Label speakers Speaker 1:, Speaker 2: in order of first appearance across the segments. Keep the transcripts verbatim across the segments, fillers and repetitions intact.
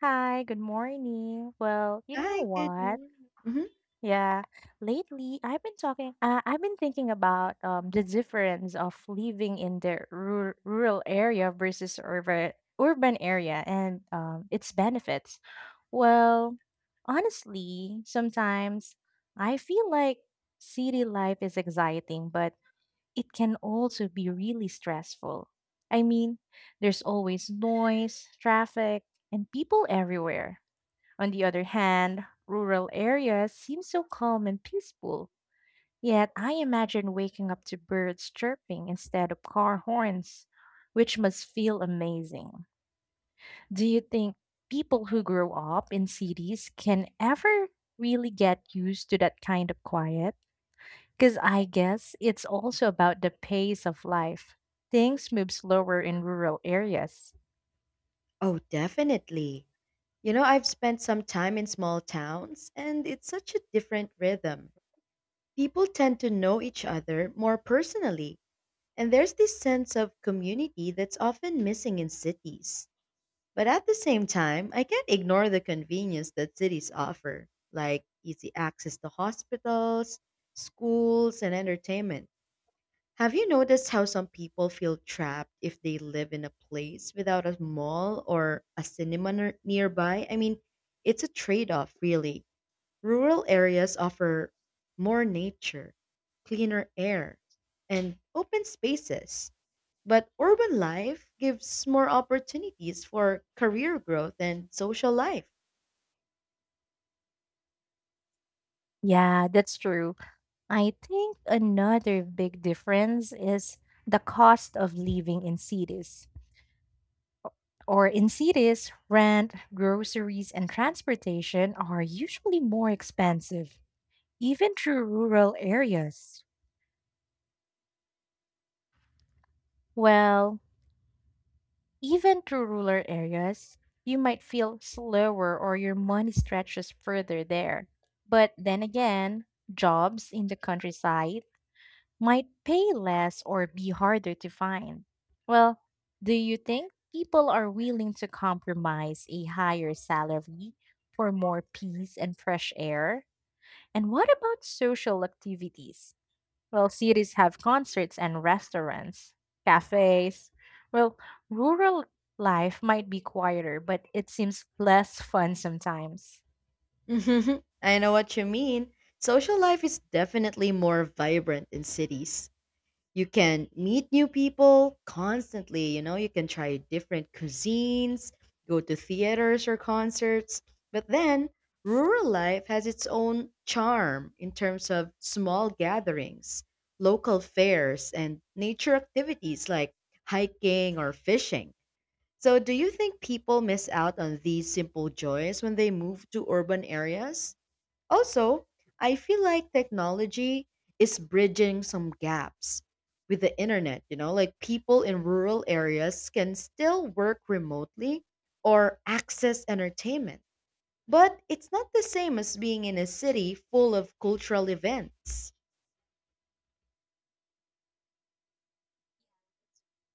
Speaker 1: Hi, good morning. Well, you know
Speaker 2: I could.
Speaker 1: what?
Speaker 2: Mhm.
Speaker 1: Yeah, lately I've been talking, uh, I've been thinking about um, the difference of living in the rur rural area versus urban urban area and um, its benefits. Well, honestly, sometimes I feel like city life is exciting, but it can also be really stressful. I mean, there's always noise, traffic, and people everywhere. On the other hand, rural areas seem so calm and peaceful, yet I imagine waking up to birds chirping instead of car horns, which must feel amazing. Do you think people who grow up in cities can ever really get used to that kind of quiet? Because I guess it's also about the pace of life. Things move slower in rural areas.
Speaker 2: Oh, definitely. You know, I've spent some time in small towns, and it's such a different rhythm. People tend to know each other more personally, and there's this sense of community that's often missing in cities. But at the same time, I can't ignore the convenience that cities offer, like easy access to hospitals, schools, and entertainment. Have you noticed how some people feel trapped if they live in a place without a mall or a cinema near- nearby? I mean, it's a trade off, really. Rural areas offer more nature, cleaner air, and open spaces, but urban life gives more opportunities for career growth and social life.
Speaker 1: Yeah, that's true. I think another big difference is the cost of living in cities. Or in cities, rent, groceries, and transportation are usually more expensive, even through rural areas. Well, even through rural areas, you might feel slower or your money stretches further there. But then again, jobs in the countryside might pay less or be harder to find. Well, do you think people are willing to compromise a higher salary for more peace and fresh air? And what about social activities? Well, cities have concerts and restaurants, cafes. Well, rural life might be quieter, but it seems less fun sometimes.
Speaker 2: I know what you mean. Social life is definitely more vibrant in cities. You can meet new people constantly, you know, you can try different cuisines, go to theaters or concerts. But then rural life has its own charm in terms of small gatherings, local fairs, and nature activities like hiking or fishing. So do you think people miss out on these simple joys when they move to urban areas? Also, I feel like technology is bridging some gaps with the internet, you know, like people in rural areas can still work remotely or access entertainment. But it's not the same as being in a city full of cultural events.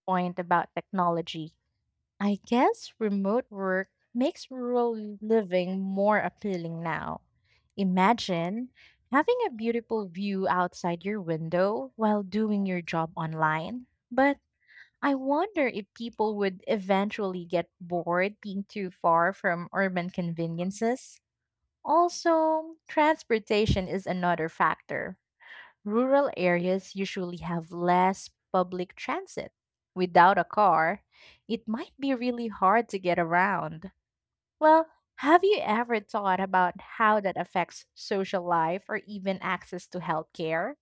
Speaker 1: Point about technology. I guess remote work makes rural living more appealing now. Imagine having a beautiful view outside your window while doing your job online. But I wonder if people would eventually get bored being too far from urban conveniences. Also, transportation is another factor. Rural areas usually have less public transit. Without a car, it might be really hard to get around. Well, have you ever thought about how that affects social life or even access to healthcare?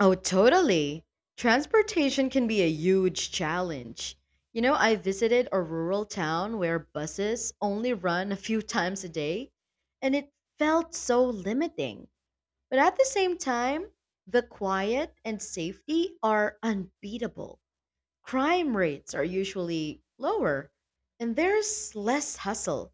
Speaker 2: Oh, totally. Transportation can be a huge challenge. You know, I visited a rural town where buses only run a few times a day, and it felt so limiting. But at the same time, the quiet and safety are unbeatable. Crime rates are usually lower, and there's less hustle.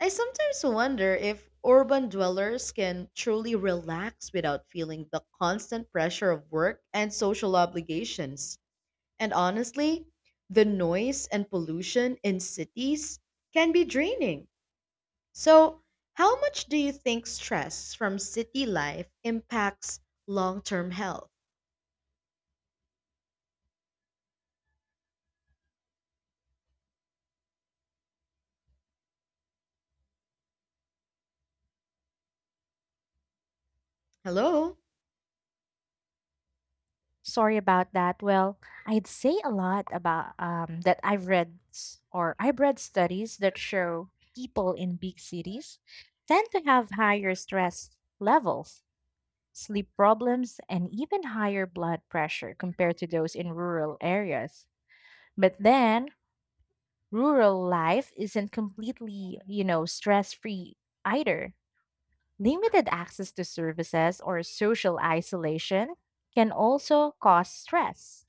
Speaker 2: I sometimes wonder if urban dwellers can truly relax without feeling the constant pressure of work and social obligations. And honestly, the noise and pollution in cities can be draining. So, how much do you think stress from city life impacts long term health? Hello?
Speaker 1: Sorry about that. Well, I'd say a lot about um, that I've read s- or I've read studies that show people in big cities tend to have higher stress levels, sleep problems, and even higher blood pressure compared to those in rural areas. But then, rural life isn't completely, you know, stress free either. Limited access to services or social isolation can also cause stress.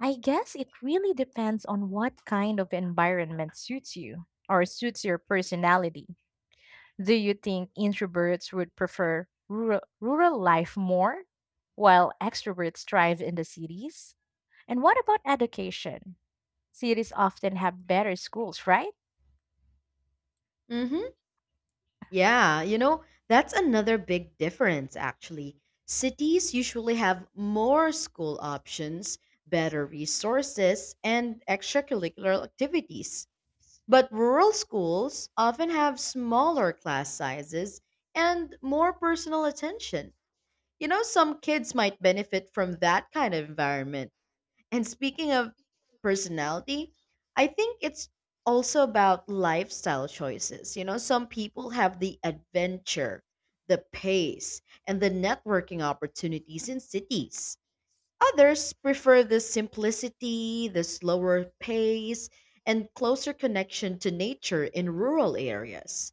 Speaker 1: I guess it really depends on what kind of environment suits you or suits your personality. Do you think introverts would prefer rural, rural life more, while extroverts thrive in the cities? And what about education? Cities often have better schools, right?
Speaker 2: Mm-hmm. Yeah, you know, that's another big difference, actually. Cities usually have more school options, better resources, and extracurricular activities. But rural schools often have smaller class sizes and more personal attention. You know, some kids might benefit from that kind of environment. And speaking of personality, I think it's also about lifestyle choices. You know, some people have the adventure, the pace, and the networking opportunities in cities. Others prefer the simplicity, the slower pace, and closer connection to nature in rural areas.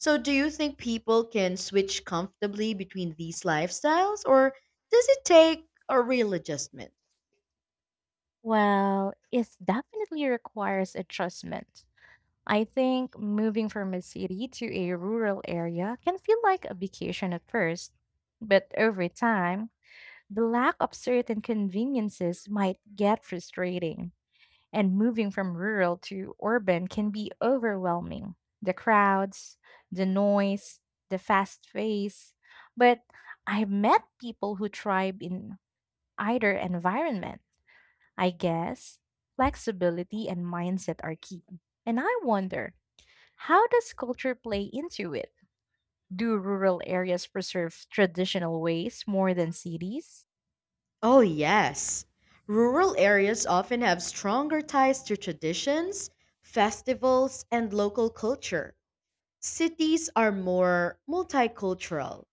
Speaker 2: So, do you think people can switch comfortably between these lifestyles, or does it take a real adjustment?
Speaker 1: Well, it definitely requires adjustment. I think moving from a city to a rural area can feel like a vacation at first, but over time, the lack of certain conveniences might get frustrating. And moving from rural to urban can be overwhelming. The crowds, the noise, the fast pace. But I've met people who thrive in either environment. I guess flexibility and mindset are key. And I wonder, how does culture play into it? Do rural areas preserve traditional ways more than cities?
Speaker 2: Oh, yes. Rural areas often have stronger ties to traditions, festivals, and local culture. Cities are more multicultural,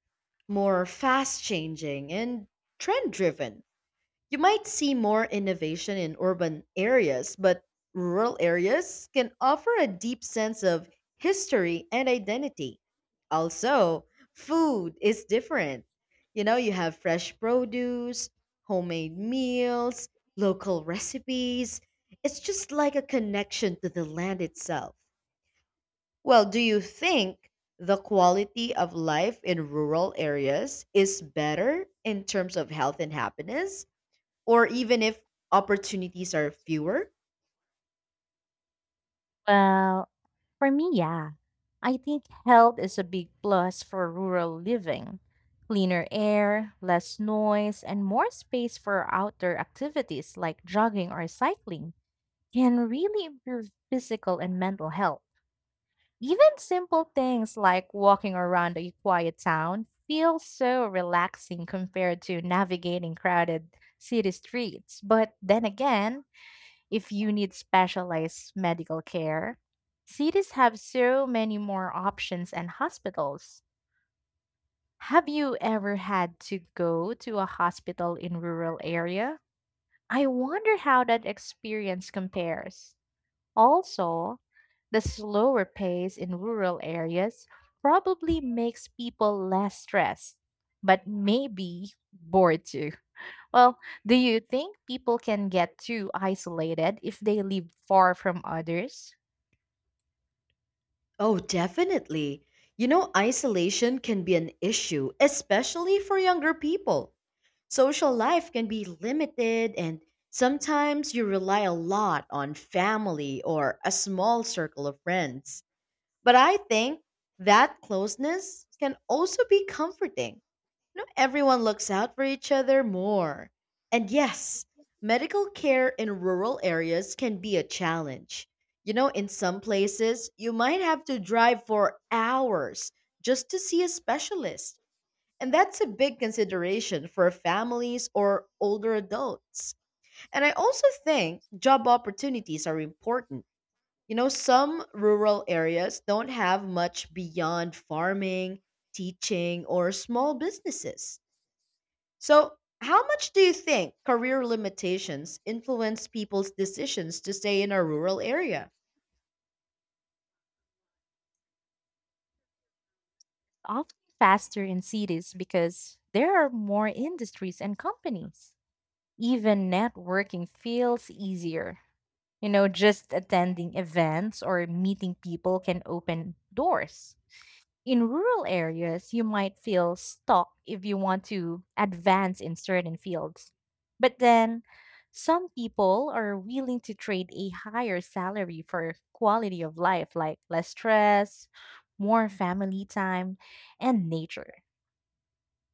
Speaker 2: more fast changing, and trend driven. You might see more innovation in urban areas, but rural areas can offer a deep sense of history and identity. Also, food is different. You know, you have fresh produce, homemade meals, local recipes. It's just like a connection to the land itself. Well, do you think the quality of life in rural areas is better in terms of health and happiness, or even if opportunities are fewer?
Speaker 1: Well, for me, yeah. I think health is a big plus for rural living. Cleaner air, less noise, and more space for outdoor activities like jogging or cycling can really improve physical and mental health. Even simple things like walking around a quiet town feel so relaxing compared to navigating crowded city streets. But then again, if you need specialized medical care, cities have so many more options and hospitals. Have you ever had to go to a hospital in rural area? I wonder how that experience compares. Also, the slower pace in rural areas probably makes people less stressed, but maybe bored too. Well, do you think people can get too isolated if they live far from others?
Speaker 2: Oh, definitely. You know, isolation can be an issue, especially for younger people. Social life can be limited, and sometimes you rely a lot on family or a small circle of friends. But I think that closeness can also be comforting. No, everyone looks out for each other more. And yes, medical care in rural areas can be a challenge. You know, in some places, you might have to drive for hours just to see a specialist. And that's a big consideration for families or older adults. And I also think job opportunities are important. You know, some rural areas don't have much beyond farming, teaching, or small businesses. So, how much do you think career limitations influence people's decisions to stay in a rural area?
Speaker 1: Often faster in cities because there are more industries and companies. Even networking feels easier. You know, just attending events or meeting people can open doors. In rural areas, you might feel stuck if you want to advance in certain fields. But then, some people are willing to trade a higher salary for quality of life, like less stress, more family time, and nature.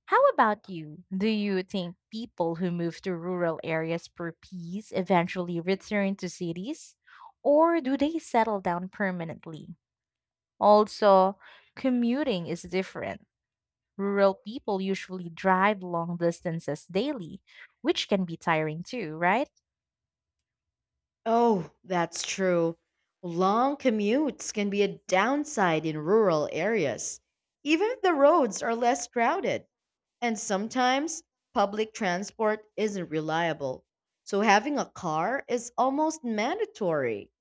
Speaker 1: How about you? Do you think people who move to rural areas for peace eventually return to cities, or do they settle down permanently? Also, commuting is different. Rural people usually drive long distances daily, which can be tiring too, right?
Speaker 2: Oh, that's true. Long commutes can be a downside in rural areas, even if the roads are less crowded. And sometimes public transport isn't reliable. So, having a car is almost mandatory.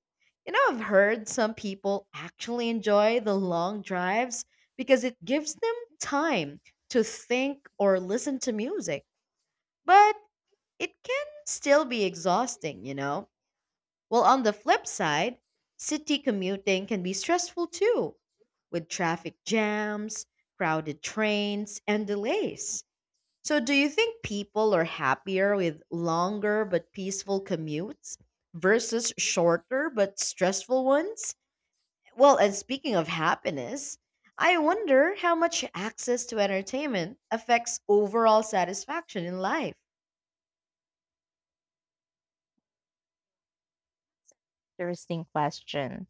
Speaker 2: You know, I've heard some people actually enjoy the long drives because it gives them time to think or listen to music, but it can still be exhausting, you know? Well, on the flip side, city commuting can be stressful too, with traffic jams, crowded trains, and delays. So, do you think people are happier with longer but peaceful commutes versus shorter but stressful ones? Well, and speaking of happiness, I wonder how much access to entertainment affects overall satisfaction in life.
Speaker 1: Interesting question.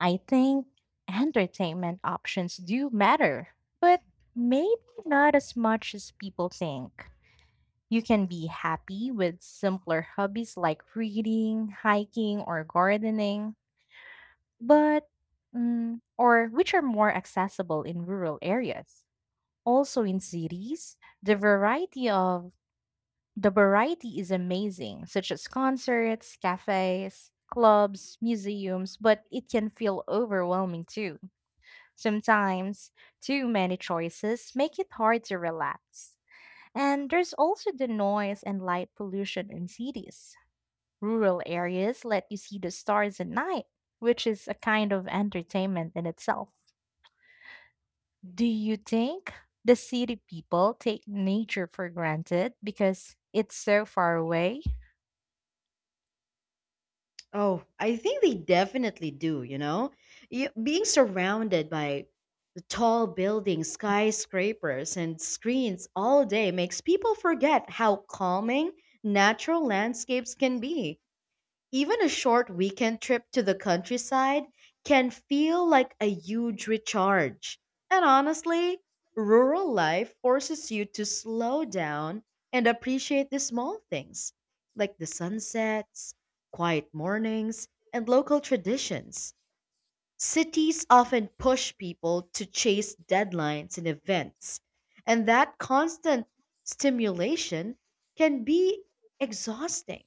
Speaker 1: I think entertainment options do matter, but maybe not as much as people think. You can be happy with simpler hobbies like reading, hiking, or gardening, but mm, or which are more accessible in rural areas. Also in cities, the variety of the variety is amazing, such as concerts, cafes, clubs, museums, but it can feel overwhelming too. Sometimes, too many choices make it hard to relax. And there's also the noise and light pollution in cities. Rural areas let you see the stars at night, which is a kind of entertainment in itself. Do you think the city people take nature for granted because it's so far away?
Speaker 2: Oh, I think they definitely do, you know? You, being surrounded by the tall buildings, skyscrapers, and screens all day makes people forget how calming natural landscapes can be. Even a short weekend trip to the countryside can feel like a huge recharge. And honestly, rural life forces you to slow down and appreciate the small things, like the sunsets, quiet mornings, and local traditions. Cities often push people to chase deadlines and events, and that constant stimulation can be exhausting.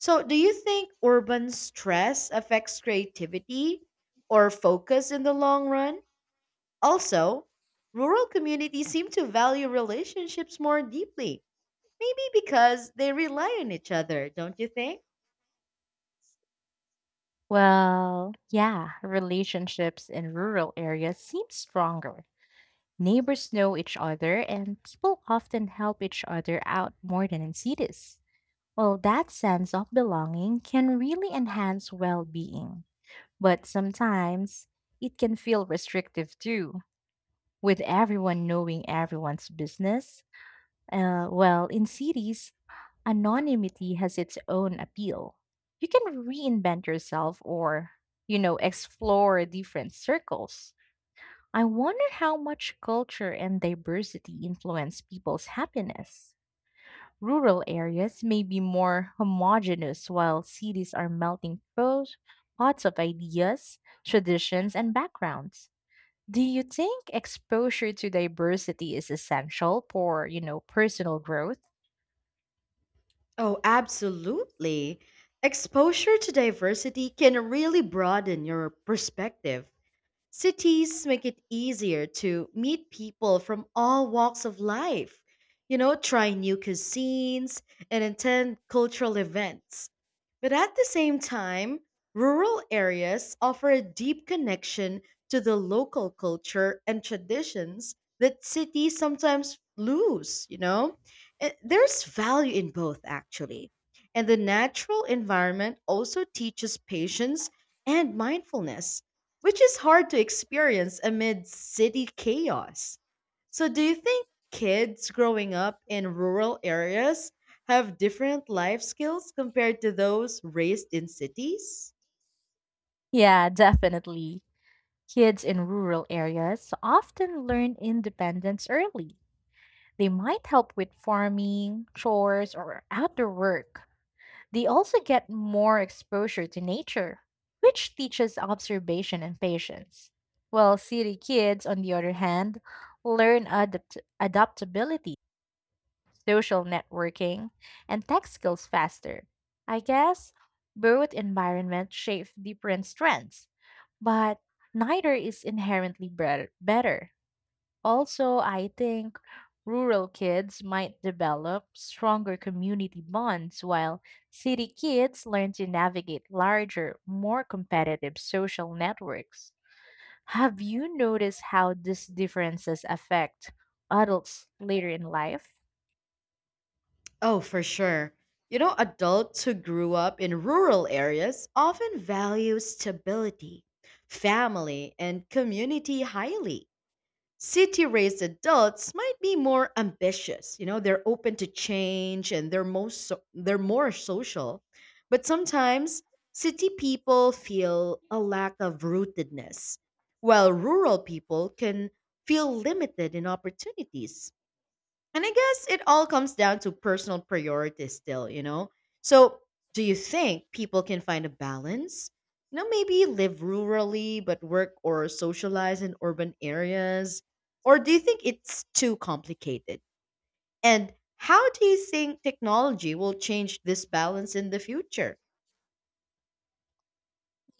Speaker 2: So, do you think urban stress affects creativity or focus in the long run? Also, rural communities seem to value relationships more deeply, maybe because they rely on each other, don't you think?
Speaker 1: Well, yeah, relationships in rural areas seem stronger. Neighbors know each other, and people often help each other out more than in cities. Well, that sense of belonging can really enhance well being, but sometimes it can feel restrictive too, with everyone knowing everyone's business. Uh, well, in cities, anonymity has its own appeal. You can reinvent yourself or, you know, explore different circles. I wonder how much culture and diversity influence people's happiness. Rural areas may be more homogeneous while cities are melting pros, pots of ideas, traditions, and backgrounds. Do you think exposure to diversity is essential for, you know, personal growth?
Speaker 2: Oh, absolutely. Exposure to diversity can really broaden your perspective. Cities make it easier to meet people from all walks of life, you know, try new cuisines and attend cultural events. But at the same time, rural areas offer a deep connection to the local culture and traditions that cities sometimes lose, you know? Eh, There's value in both, actually. And the natural environment also teaches patience and mindfulness, which is hard to experience amid city chaos. So, do you think kids growing up in rural areas have different life skills compared to those raised in cities?
Speaker 1: Yeah, definitely. Kids in rural areas often learn independence early. They might help with farming, chores, or outdoor work. They also get more exposure to nature, which teaches observation and patience. While city kids, on the other hand, learn adapt- adaptability, social networking, and tech skills faster. I guess both environments shape different strengths but neither is inherently bre- better. Also, I think rural kids might develop stronger community bonds while city kids learn to navigate larger, more competitive social networks. Have you noticed how these differences affect adults later in life?
Speaker 2: Oh, for sure. You know, adults who grew up in rural areas often value stability, family, and community highly. City raised adults might be more ambitious. You know, they're open to change and they're most so- they're more social. But sometimes city people feel a lack of rootedness, while rural people can feel limited in opportunities. And I guess it all comes down to personal priorities still, you know? So, do you think people can find a balance? You know, maybe live rurally but work or socialize in urban areas? Or do you think it's too complicated? And how do you think technology will change this balance in the future?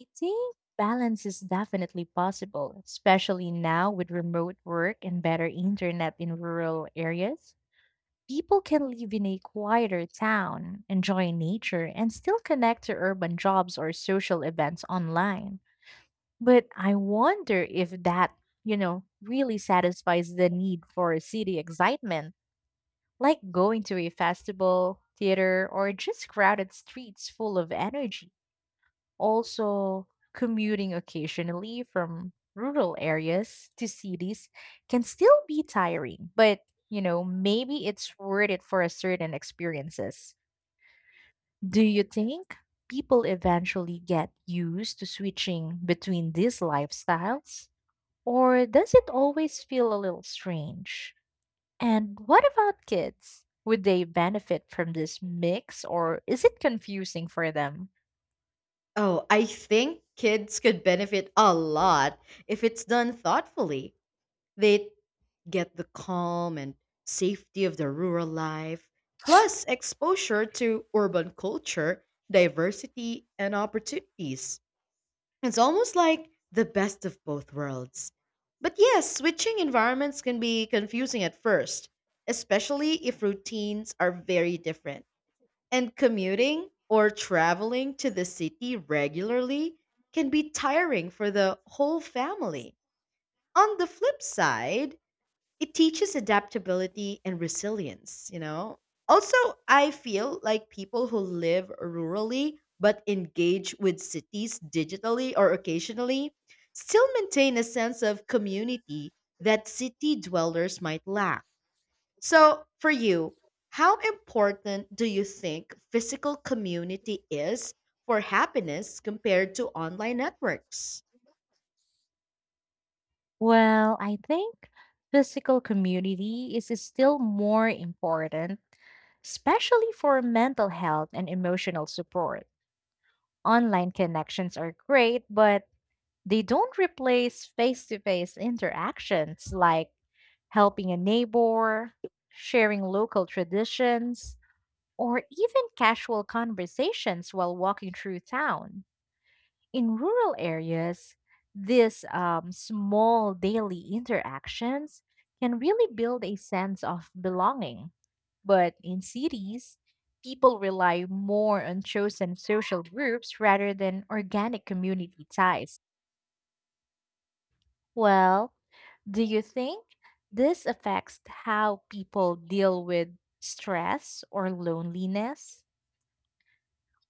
Speaker 1: I think balance is definitely possible, especially now with remote work and better internet in rural areas. People can live in a quieter town, enjoy nature, and still connect to urban jobs or social events online. But I wonder if that, you know, really satisfies the need for city excitement, like going to a festival, theater, or just crowded streets full of energy. Also, commuting occasionally from rural areas to cities can still be tiring, but you know, maybe it's worth it for a certain experiences. Do you think people eventually get used to switching between these lifestyles? Or does it always feel a little strange? And what about kids? Would they benefit from this mix or is it confusing for them?
Speaker 2: Oh, I think kids could benefit a lot if it's done thoughtfully. They'd get the calm and safety of the rural life, plus exposure to urban culture, diversity, and opportunities. It's almost like the best of both worlds. But yes, switching environments can be confusing at first, especially if routines are very different. And commuting or traveling to the city regularly can be tiring for the whole family. On the flip side, it teaches adaptability and resilience, you know? Also, I feel like people who live rurally but engage with cities digitally or occasionally still maintain a sense of community that city dwellers might lack. So, for you, how important do you think physical community is for happiness compared to online networks?
Speaker 1: Well, I think physical community is still more important, especially for mental health and emotional support. Online connections are great, but they don't replace face to face interactions like helping a neighbor, sharing local traditions, or even casual conversations while walking through town. In rural areas, these um, small daily interactions can really build a sense of belonging. But in cities, people rely more on chosen social groups rather than organic community ties. Well, do you think this affects how people deal with stress or loneliness?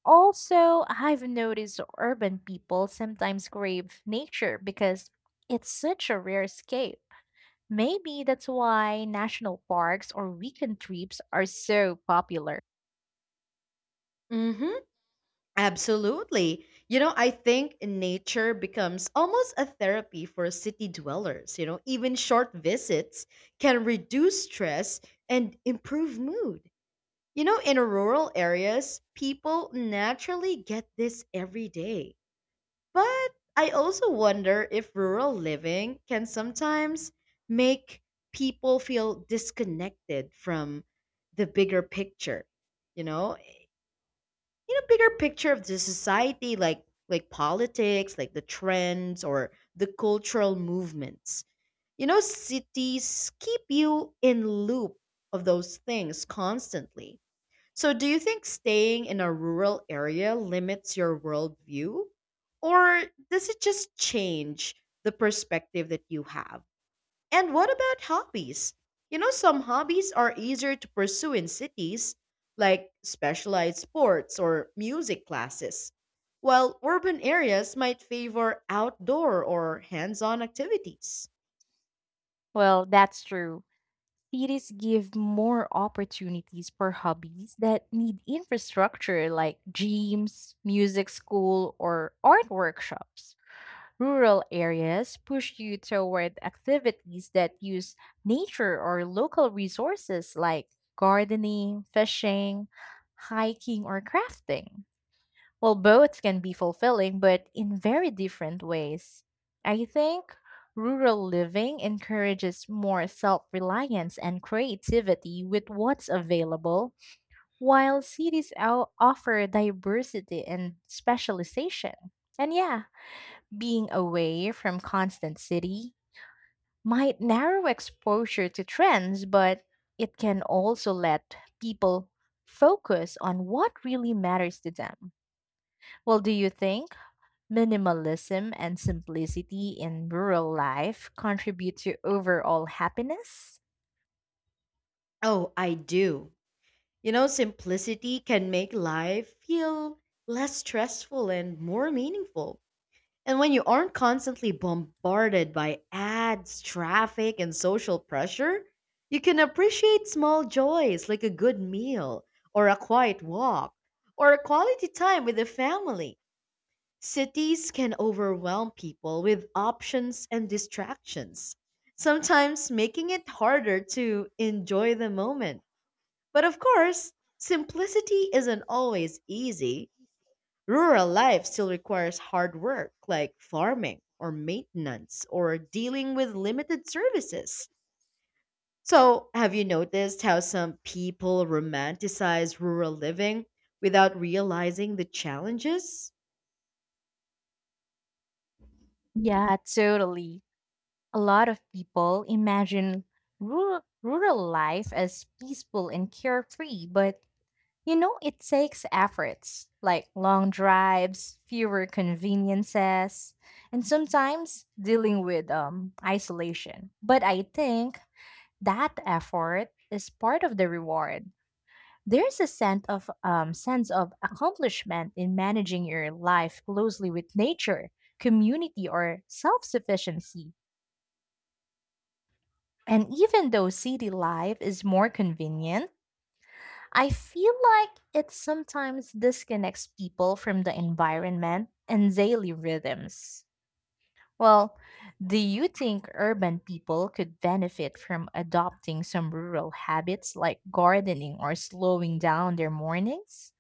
Speaker 1: Also, I've noticed urban people sometimes crave nature because it's such a rare escape. Maybe that's why national parks or weekend trips are so popular.
Speaker 2: Mhm. Absolutely. You know, I think nature becomes almost a therapy for city dwellers. You know, even short visits can reduce stress and improve mood. You know, in rural areas, people naturally get this every day. But I also wonder if rural living can sometimes make people feel disconnected from the bigger picture. You know, you know bigger picture of the society, like like politics, like the trends or the cultural movements. You know, cities keep you in loop of those things constantly. So do you think staying in a rural area limits your worldview, or does it just change the perspective that you have? And what about hobbies? You know, some hobbies are easier to pursue in cities, like specialized sports or music classes, while urban areas might favor outdoor or hands on activities.
Speaker 1: Well, that's true. Cities give more opportunities for hobbies that need infrastructure like gyms, music school, or art workshops. Rural areas push you toward activities that use nature or local resources like gardening, fishing, hiking, or crafting. Well, both can be fulfilling, but in very different ways. I think rural living encourages more self reliance and creativity with what's available, while cities o- offer diversity and specialization. And yeah, being away from constant city might narrow exposure to trends, but it can also let people focus on what really matters to them. Well, do you think minimalism and simplicity in rural life contribute to overall happiness?
Speaker 2: Oh, I do. You know, simplicity can make life feel less stressful and more meaningful. And when you aren't constantly bombarded by ads, traffic, and social pressure, you can appreciate small joys like a good meal, or a quiet walk, or a quality time with the family. Cities can overwhelm people with options and distractions, sometimes making it harder to enjoy the moment. But of course, simplicity isn't always easy. Rural life still requires hard work like farming or maintenance or dealing with limited services. So, have you noticed how some people romanticize rural living without realizing the challenges?
Speaker 1: Yeah, totally. A lot of people imagine rural, rural life as peaceful and carefree, but you know, it takes efforts like long drives, fewer conveniences, and sometimes dealing with um, isolation. But I think that effort is part of the reward. There's a sense of um, sense of accomplishment in managing your life closely with nature, community, or self-sufficiency. And even though city life is more convenient, I feel like it sometimes disconnects people from the environment and daily rhythms. Well, do you think urban people could benefit from adopting some rural habits like gardening or slowing down their mornings?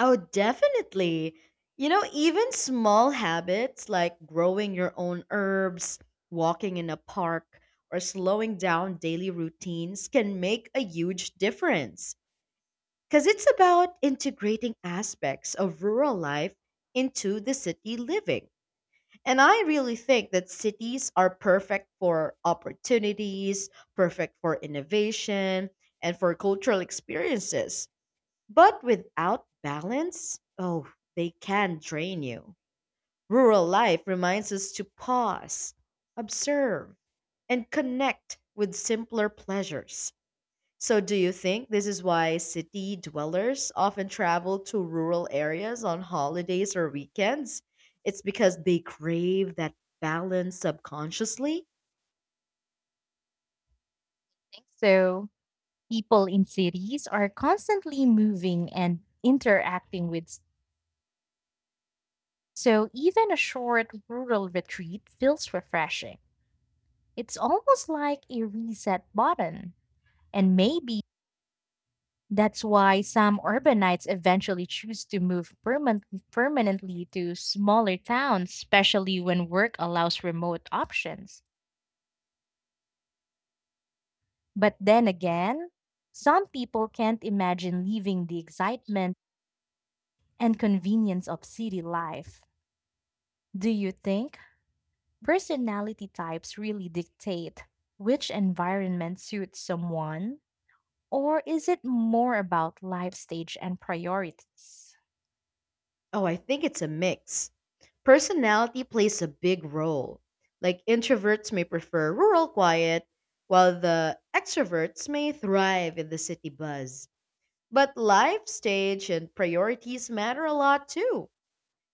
Speaker 2: Oh, definitely. You know, even small habits like growing your own herbs, walking in a park, or slowing down daily routines can make a huge difference, because it's about integrating aspects of rural life into the city living. And I really think that cities are perfect for opportunities, perfect for innovation, and for cultural experiences. But without balance, oh, they can drain you. Rural life reminds us to pause, observe, and connect with simpler pleasures. So, do you think this is why city dwellers often travel to rural areas on holidays or weekends? It's because they crave that balance subconsciously?
Speaker 1: So, people in cities are constantly moving and interacting with, s- so even a short rural retreat feels refreshing. It's almost like a reset button. And maybe that's why some urbanites eventually choose to move perman- permanently to smaller towns, especially when work allows remote options. But then again, some people can't imagine leaving the excitement and convenience of city life. Do you think personality types really dictate which environment suits someone? Or is it more about life stage and priorities?
Speaker 2: Oh, I think it's a mix. Personality plays a big role. Like introverts may prefer rural quiet, while the extroverts may thrive in the city buzz. But life stage and priorities matter a lot too.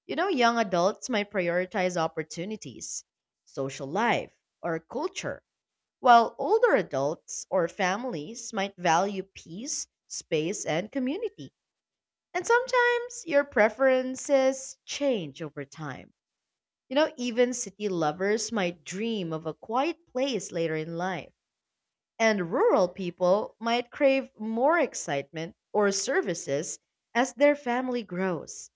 Speaker 2: You know, young adults might prioritize opportunities, social life, or culture, while older adults or families might value peace, space, and community. And sometimes your preferences change over time. You know, even city lovers might dream of a quiet place later in life, and rural people might crave more excitement or services as their family grows.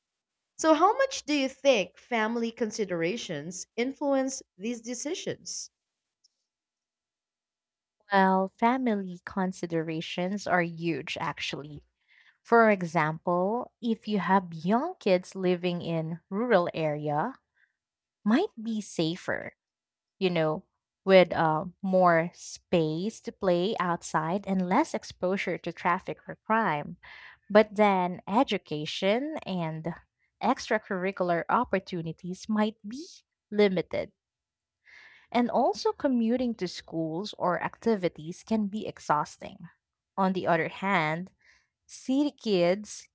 Speaker 2: So, how much do you think family considerations influence these decisions?
Speaker 1: Well, family considerations are huge, actually. For example, if you have young kids living in rural area, might be safer, you know, with uh, more space to play outside and less exposure to traffic or crime. But then education and extracurricular opportunities might be limited and also, commuting to schools or activities can be exhausting. On the other hand, city kids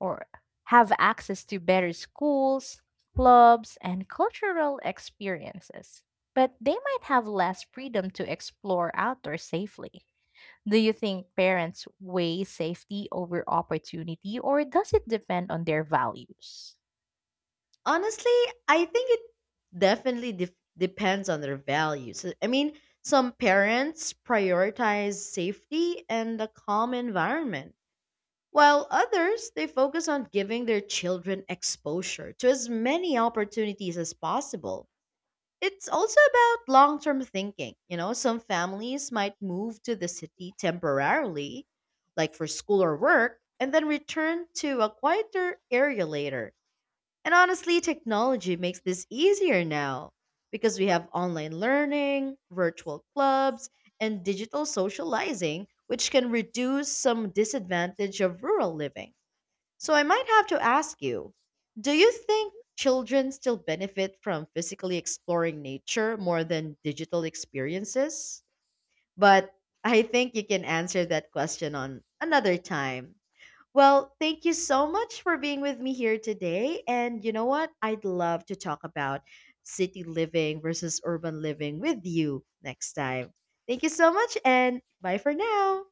Speaker 1: or have access to better schools, clubs, and cultural experiences, but they might have less freedom to explore outdoors safely. Do you think parents weigh safety over opportunity, or does it depend on their values?
Speaker 2: Honestly, I think it definitely def depends on their values. Uh, I mean, some parents prioritize safety and a calm environment, while others they focus on giving their children exposure to as many opportunities as possible. It's also about long term thinking. You know, some families might move to the city temporarily, like for school or work, and then return to a quieter area later. And honestly, technology makes this easier now because we have online learning, virtual clubs, and digital socializing, which can reduce some disadvantage of rural living. So I might have to ask you, do you think children still benefit from physically exploring nature more than digital experiences? But I think you can answer that question on another time. Well, thank you so much for being with me here today. And you know what? I'd love to talk about city living versus urban living with you next time. Thank you so much, and bye for now.